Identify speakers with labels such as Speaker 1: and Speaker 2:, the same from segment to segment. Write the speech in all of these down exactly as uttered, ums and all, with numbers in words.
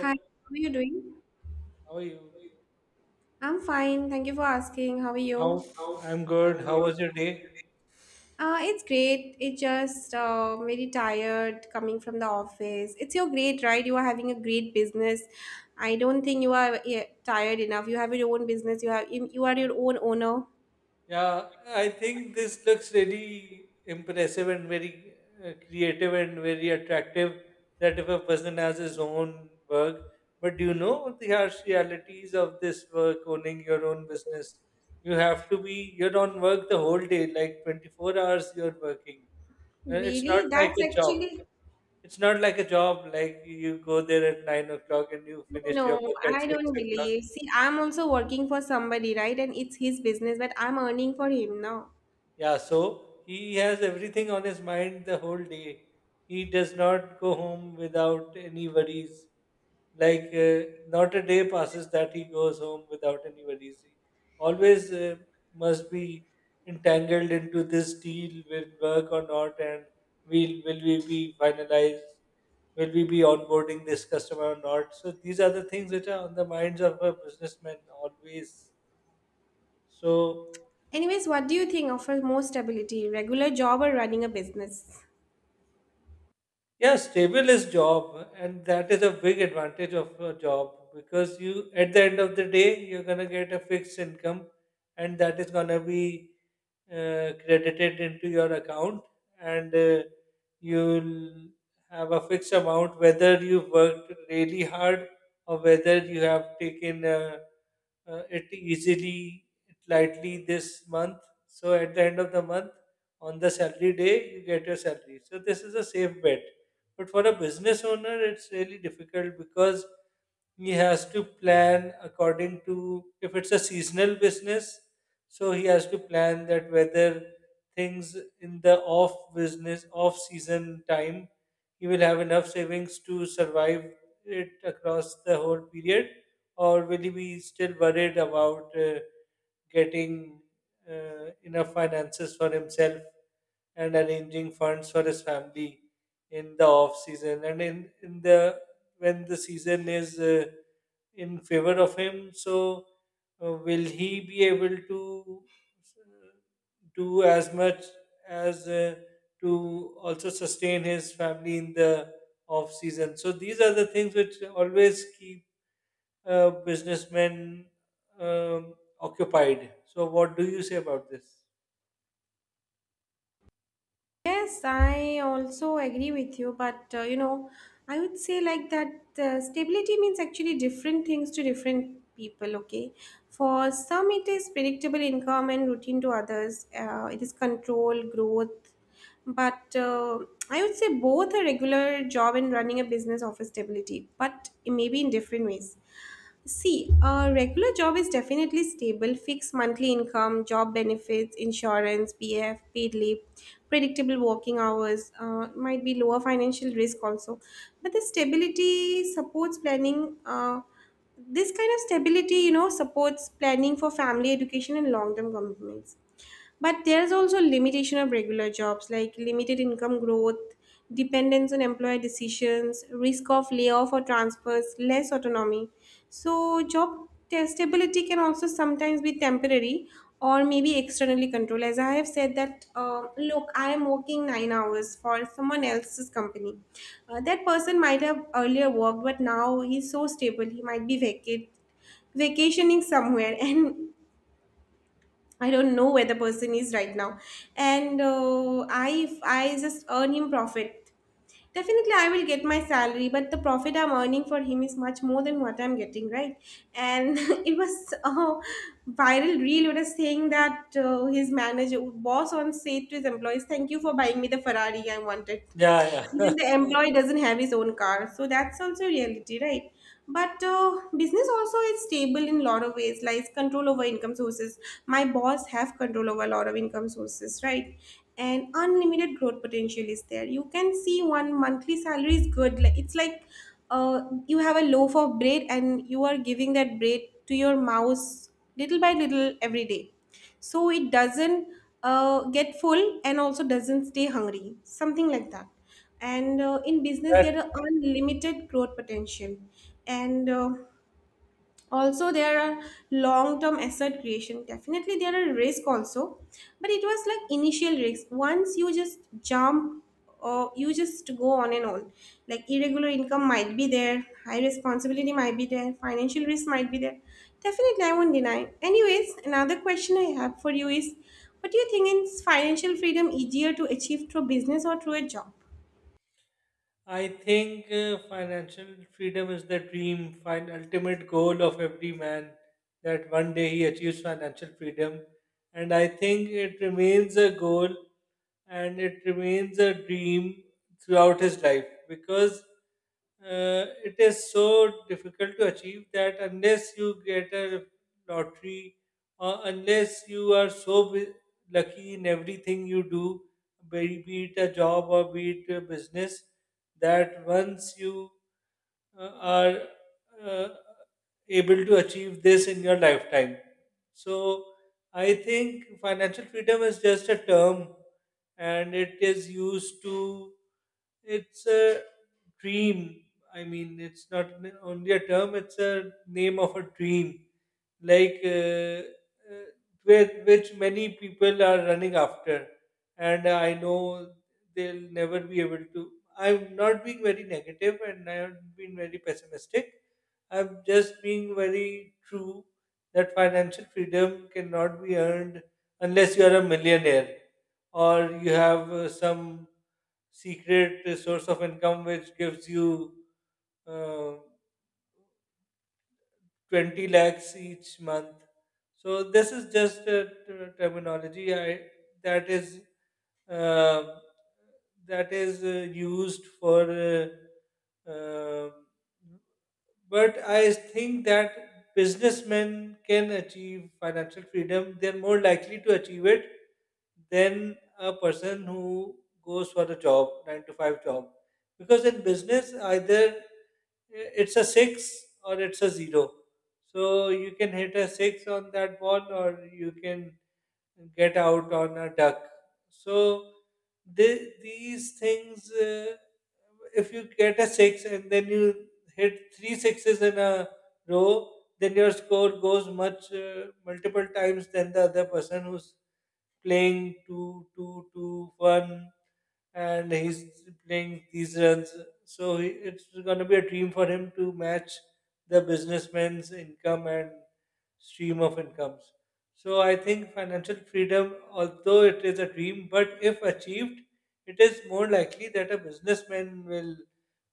Speaker 1: Hi, how are you doing?
Speaker 2: how are you?
Speaker 1: I'm fine. Thank you for asking. How are you?
Speaker 2: How? I'm good. How was your day?
Speaker 1: Uh, it's great. It's just uh, very tired coming from the office. It's your great, right? You are having a great business. I don't think you are yeah, tired enough. You have your own business. You have you you are your own owner.
Speaker 2: Yeah, I think this looks really impressive and very uh, creative and very attractive. That if a person has his own work, but do you know the harsh realities of this work, owning your own business? You have to be, you're on work the whole day, like twenty-four hours you're working. Uh, It's not
Speaker 1: Really?
Speaker 2: like
Speaker 1: That's
Speaker 2: a job.
Speaker 1: actually
Speaker 2: It's not like a job, like you go there at nine o'clock and you
Speaker 1: no.
Speaker 2: finish your work at
Speaker 1: I
Speaker 2: six
Speaker 1: don't
Speaker 2: o'clock.
Speaker 1: believe. See, I'm also working for somebody, right? And it's his business, but I'm earning for him now.
Speaker 2: Yeah, so he has everything on his mind the whole day. He does not go home without any worries. Like, uh, not a day passes that he goes home without any worries. He always uh, must be entangled into this deal will work or not, and will will we be finalized? Will we be onboarding this customer or not? So these are the things which are on the minds of a businessman always. So
Speaker 1: Anyways, what do you think offers more stability, regular job or running a business?
Speaker 2: Yeah, stable is job, and that is a big advantage of a job because you, at the end of the day, you're gonna get a fixed income, and that is gonna be uh, credited into your account, and uh, you'll have a fixed amount whether you've worked really hard or whether you have taken uh, uh, it easily, lightly this month. So at the end of the month, on the salary day, you get your salary. So this is a safe bet but for a business owner, it's really difficult because he has to plan according to if it's a seasonal business, so he has to plan that whether things in the off business, off season time, he will have enough savings to survive it across the whole period, or will he be still worried about? Uh, getting uh, enough finances for himself and arranging funds for his family in the off season and in, in the when the season is uh, in favor of him so uh, will he be able to uh, do as much as uh, to also sustain his family in the off season so these are the things which always keep uh, businessmen um, occupied. So, what do you say about this?
Speaker 1: Yes, I also agree with you, but uh, you know, I would say like that uh, stability means actually different things to different people, okay? For some, it is predictable income and routine to others, uh, it is control, growth. But uh, I would say both a regular job and running a business offer stability, but maybe in different ways. See, a regular job is definitely stable, fixed monthly income, job benefits, insurance, P F, paid leave, predictable working hours, uh, might be lower financial risk also. But the stability supports planning. Uh, this kind of stability, you know, supports planning for family education and long term commitments. But there's also limitation of regular jobs like limited income growth, dependence on employer decisions, risk of layoff or transfers, less autonomy. So job testability can also sometimes be temporary or maybe externally controlled. As I have said that, uh, look, I am working nine hours for someone else's company. Uh, that person might have earlier worked, but now he's so stable, he might be vacate vacationing somewhere and I don't know where the person is right now. And uh, I, if I just earn him profit, definitely I will get my salary, but the profit I'm earning for him is much more than what I'm getting, right? And it was a viral reel what was saying that uh, his manager, boss on said to his employees, thank you for buying me the Ferrari I wanted.
Speaker 2: Yeah,
Speaker 1: Even the employee doesn't have his own car. So that's also reality, right? but uh, business also is stable in a lot of ways, like control over income sources. My boss have control over a lot of income sources, right? And unlimited growth potential is there. You can see one monthly salary is good. Like, it's like uh, you have a loaf of bread and you are giving that bread to your mouse little by little every day, so it doesn't uh, get full and also doesn't stay hungry, something like that. And uh, in business
Speaker 2: yeah.
Speaker 1: there are unlimited growth potential. And uh, also there are long term asset creation. Definitely there are risk also, but it was like initial risk. Once you just jump or you just go on and on, like irregular income might be there, high responsibility might be there, financial risk might be there. Definitely I won't deny. Anyways, another question I have for you is, what do you think, is financial freedom easier to achieve through business or through a job?
Speaker 2: I think uh, financial freedom is the dream, fine, ultimate goal of every man that one day he achieves financial freedom. And I think it remains a goal and it remains a dream throughout his life because uh, it is so difficult to achieve that unless you get a lottery, or unless you are so bu- lucky in everything you do, be be it a job or be it a business, that once you uh, are uh, able to achieve this in your lifetime. So I think financial freedom is just a term and it is used to, it's a dream. I mean, it's not n- only a term, it's a name of a dream, like uh, uh, with, which many people are running after. And I know they'll never be able to. I'm not being very negative and I have been very pessimistic, I'm just being very true that financial freedom cannot be earned unless you are a millionaire or you have uh, some secret uh, source of income which gives you uh, twenty lakhs each month. So this is just a ter- terminology I, that is uh, that is uh, used for. Uh, uh, but I think that businessmen can achieve financial freedom. They're more likely to achieve it than a person who goes for a job, nine to five job. Because in business, either uh, it's a six or it's a zero. So you can hit a six on that ball, or you can get out on a duck. So the, these things, uh, if you get a six and then you hit three sixes in a row, then your score goes much uh, multiple times than the other person who's playing two, two, two, one and he's playing these runs. So he- it's going to be a dream for him to match the businessman's income and stream of incomes. So I think financial freedom, although it is a dream, but if achieved, it is more likely that a businessman will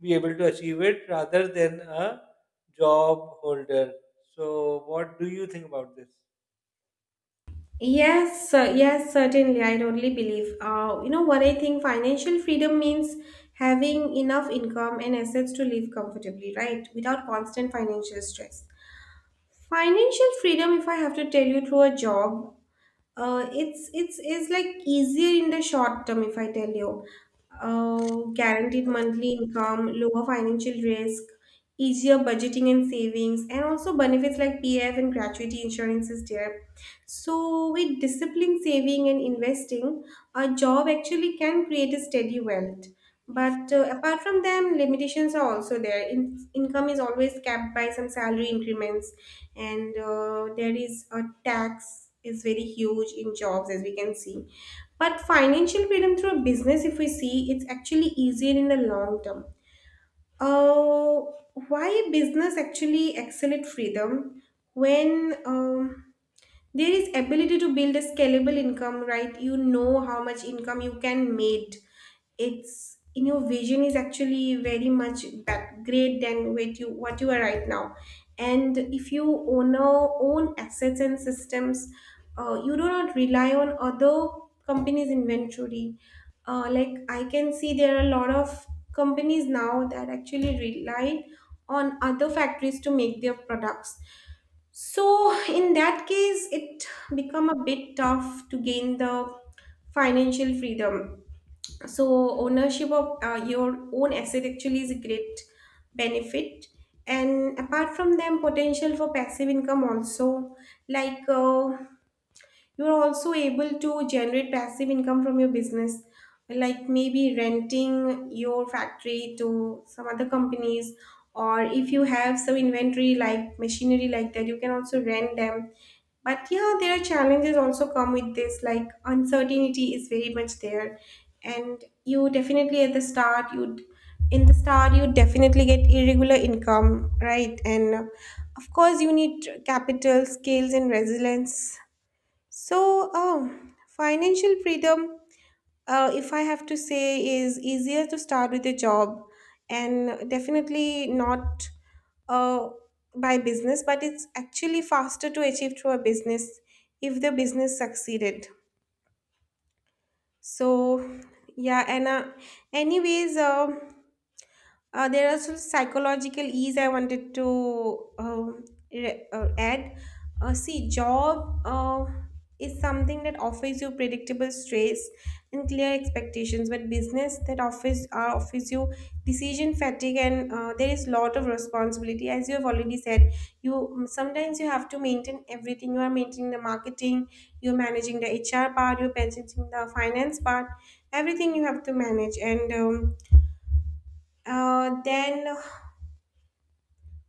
Speaker 2: be able to achieve it rather than a job holder. So, what do you think about this?
Speaker 1: Yes, uh, yes, certainly. I totally believe. Uh, you know what I think financial freedom means, having enough income and assets to live comfortably, right? Without constant financial stress. Financial freedom, if I have to tell you through a job, uh, it's it's it's like easier in the short term if I tell you. Uh, guaranteed monthly income, lower financial risk, easier budgeting and savings, and also benefits like P F and gratuity insurance is there. So with disciplined saving and investing, a job actually can create a steady wealth. But uh, apart from them, limitations are also there. In- income is always capped by some salary increments, and uh, there is a tax is very huge in jobs as we can see. But financial freedom through a business, if we see, it's actually easier in the long term. Uh, why business actually accelerate freedom, when um, there is ability to build a scalable income, right? You know how much income you can make. It's in your vision is actually very much that great than what you what you are right now. And if you own a- own assets and systems. Uh, you do not rely on other companies inventory. Uh, like I can see there are a lot of companies now that actually rely on other factories to make their products. So in that case, it become a bit tough to gain the financial freedom. So ownership of uh, your own asset actually is a great benefit. And apart from them, potential for passive income also, like uh, you're also able to generate passive income from your business, like maybe renting your factory to some other companies, or if you have some inventory like machinery like that, you can also rent them. But yeah, there are challenges also come with this, like uncertainty is very much there. And you definitely at the start, you'd in the start you definitely get irregular income, right? And uh, of course you need capital, skills and resilience. So, um, financial freedom, uh, if I have to say, is easier to start with a job and definitely not uh, by business, but it's actually faster to achieve through a business if the business succeeded. So, yeah, and uh, anyways, um uh, there are some psychological ease I wanted to um, re- uh, add. Uh, see, job uh, is something that offers you predictable stress and clear expectations, but business that offers uh, offers you decision fatigue, and uh, there is lot of responsibility. As you have already said, you um, sometimes you have to maintain everything. You are maintaining the marketing, you're managing the H R part, you're managing the finance part, everything you have to manage and. Um, uh, then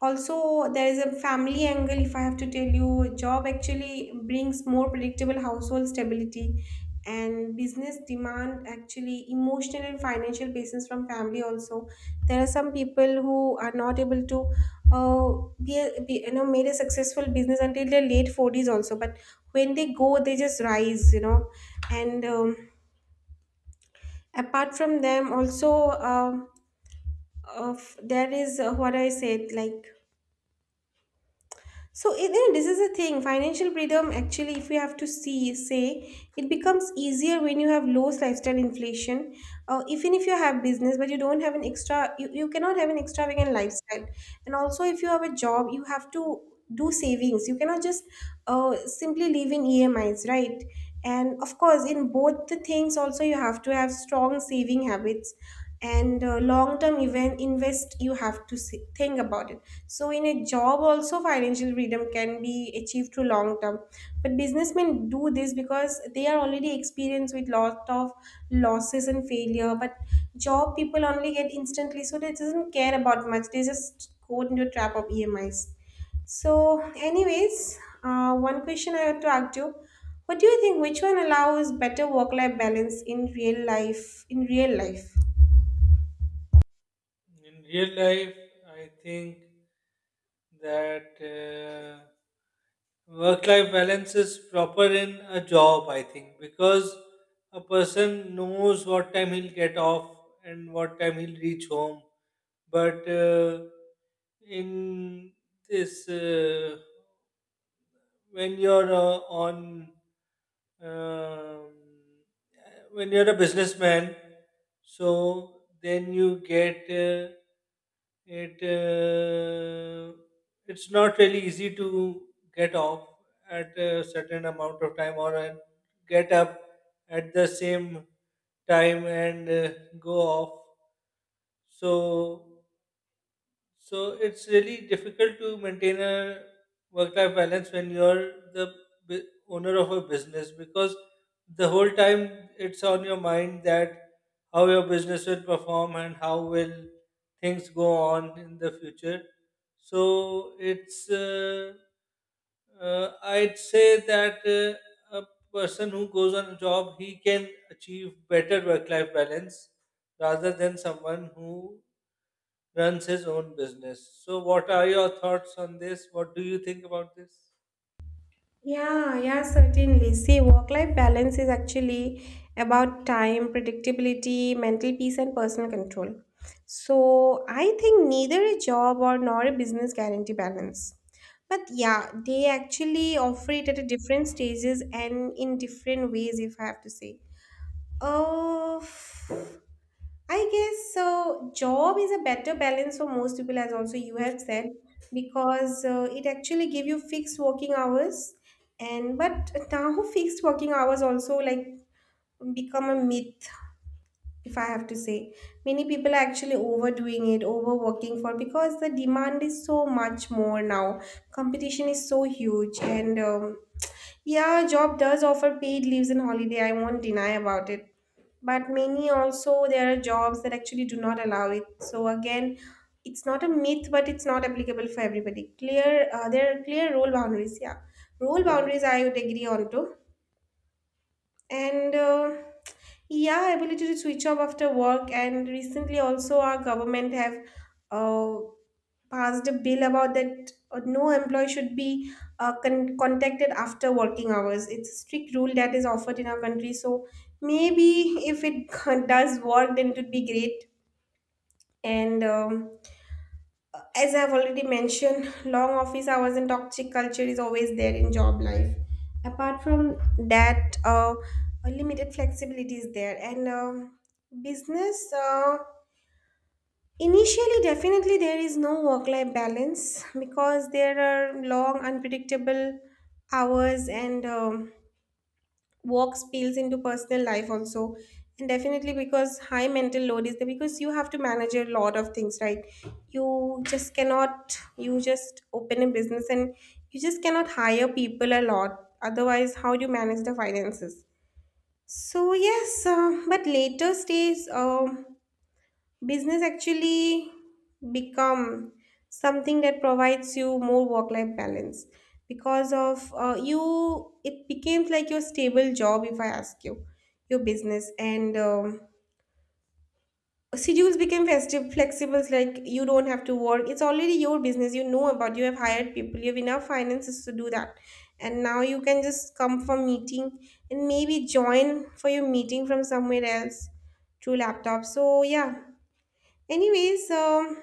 Speaker 1: also there is a family angle. If I have to tell you, job actually brings more predictable household stability, and business demand actually emotional and financial basis from family also. There are some people who are not able to uh, be, a, be you know made a successful business until their late forties also, but when they go, they just rise, you know. And um, apart from them also, um, of there is uh, what I said like, so it, yeah, this is a thing. Financial freedom, actually, if you have to see, say, it becomes easier when you have low lifestyle inflation. Uh, even if you have business, but you don't have an extra, you, you cannot have an extravagant lifestyle. And also, if you have a job, you have to do savings. You cannot just uh, simply live in E M Is, right? And of course, in both the things, also you have to have strong saving habits and uh, long term event invest you have to si- think about it. So in a job also, financial freedom can be achieved through long term. But businessmen do this because they are already experienced with lot of losses and failure. But job people only get instantly, so they doesn't care about much, they just go into a trap of E M Is. So, anyways, uh, one question I want to ask you: what do you think? Which one allows better work-life balance in real life? In real life,
Speaker 2: In real life, I think that. Uh, work life balance is proper in a job, I think, because a person knows what time he'll get off and what time he'll reach home. But uh, in this, uh, when you're uh, on um, when you're a businessman, so then you get uh, it. Uh, it's not really easy to get off at a certain amount of time or and get up at the same time and uh, go off, so so it's really difficult to maintain a work life balance when you're the bu- owner of a business because the whole time it's on your mind that how your business will perform and how will things go on in the future. So it's uh, uh, I'd say that uh, a person who goes on a job, he can achieve better work-life balance rather than someone who runs his own business. So, what are your thoughts on this? What do you think about this?
Speaker 1: yeah, yeah, certainly. See, work-life balance is actually about time, predictability, mental peace, and personal control. So I think neither a job or nor a business guarantee balance. But yeah, they actually offer it at a different stages and in different ways, if I have to say. Oh, I guess so. Job is a better balance for most people, as also you have said, because uh, it actually give you fixed working hours, and but now fixed working hours also like become a myth, if I have to say. Many people are actually overdoing it, overworking for because the demand is so much more now. Competition is so huge, and um, yeah, job does offer paid leaves and holiday. I won't deny about it. But many, also there are jobs that actually do not allow it, so again it's not a myth, but it's not applicable for everybody clear. Uh, there are clear role boundaries, yeah. Role boundaries I would agree on to. And uh, yeah, ability to switch off after work, and recently also our government have uh, passed a bill about that uh, no employee should be uh, con- contacted after working hours. It's a strict rule that is offered in our country. So maybe if it does work, then it would be great. And um, as I've already mentioned, long office hours and toxic culture is always there in job life. Apart from that, uh, a limited flexibility is there, and um, business. Uh, Initially, definitely there is no work life balance because there are long, unpredictable hours, and um, work spills into personal life also. And definitely because high mental load is there, because you have to manage a lot of things, right? You just cannot, you just open a business, and you just cannot hire people a lot. Otherwise, how do you manage the finances? So, yes, uh, but later stays. um business actually become something that provides you more work life balance, because of uh, you it became like your stable job, if I ask you, your business. And um, schedules became festive flexible, like you don't have to work, it's already your business, you know about. You have hired people, you have enough finances to do that, and now you can just come for meeting and maybe join for your meeting from somewhere else through laptop. So yeah, anyways, um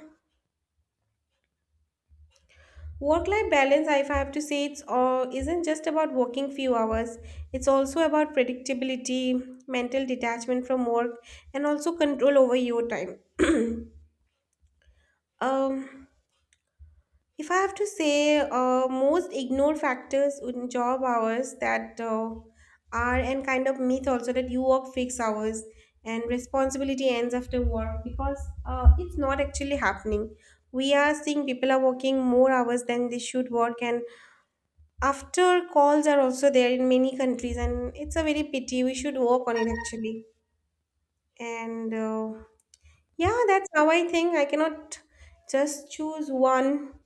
Speaker 1: Work life balance, if I have to say, it's all, isn't just about working few hours. It's also about predictability, mental detachment from work, and also control over your time. um, if I have to say, uh, most ignored factors in job hours that uh, are and kind of myth also, that you work fixed hours and responsibility ends after work, because uh, it's not actually happening. We are seeing people are working more hours than they should work, and after calls are also there in many countries, and it's a very pity. We should work on it actually. And uh, yeah, that's how I think. I cannot just choose one.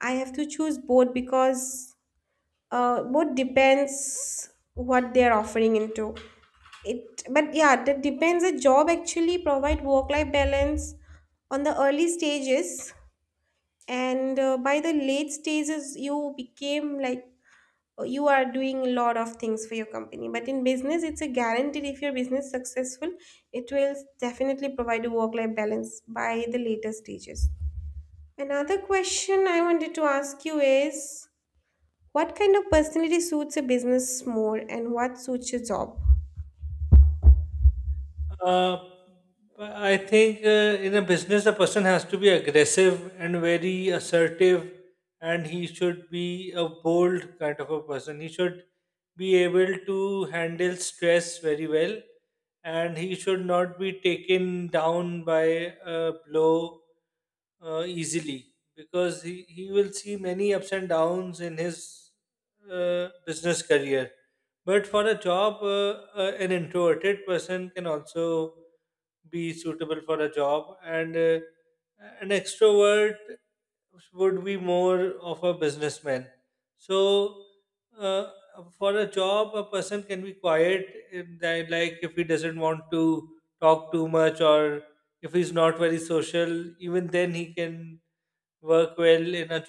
Speaker 1: I have to choose both, because uh, both depends what they're offering into it. But yeah, that depends. A job actually provide work-life balance on the early stages, and uh, by the late stages, you became like you are doing a lot of things for your company. But in business, it's a guaranteed, if your business successful, it will definitely provide a work life balance by the later stages. Another question I wanted to ask you is, what kind of personality suits a business more and what suits your job?
Speaker 2: Uh, I think uh, in a business, the person has to be aggressive and very assertive, and he should be a bold kind of a person. He should be able to handle stress very well, and he should not be taken down by a blow uh, easily because he, he will see many ups and downs in his uh, business career. But for a job, uh, uh, an introverted person can also be suitable for a job, and uh, an extrovert would be more of a businessman. So, uh, for a job, a person can be quiet, in that, like if he doesn't want to talk too much, or if he's not very social, even then he can work well in a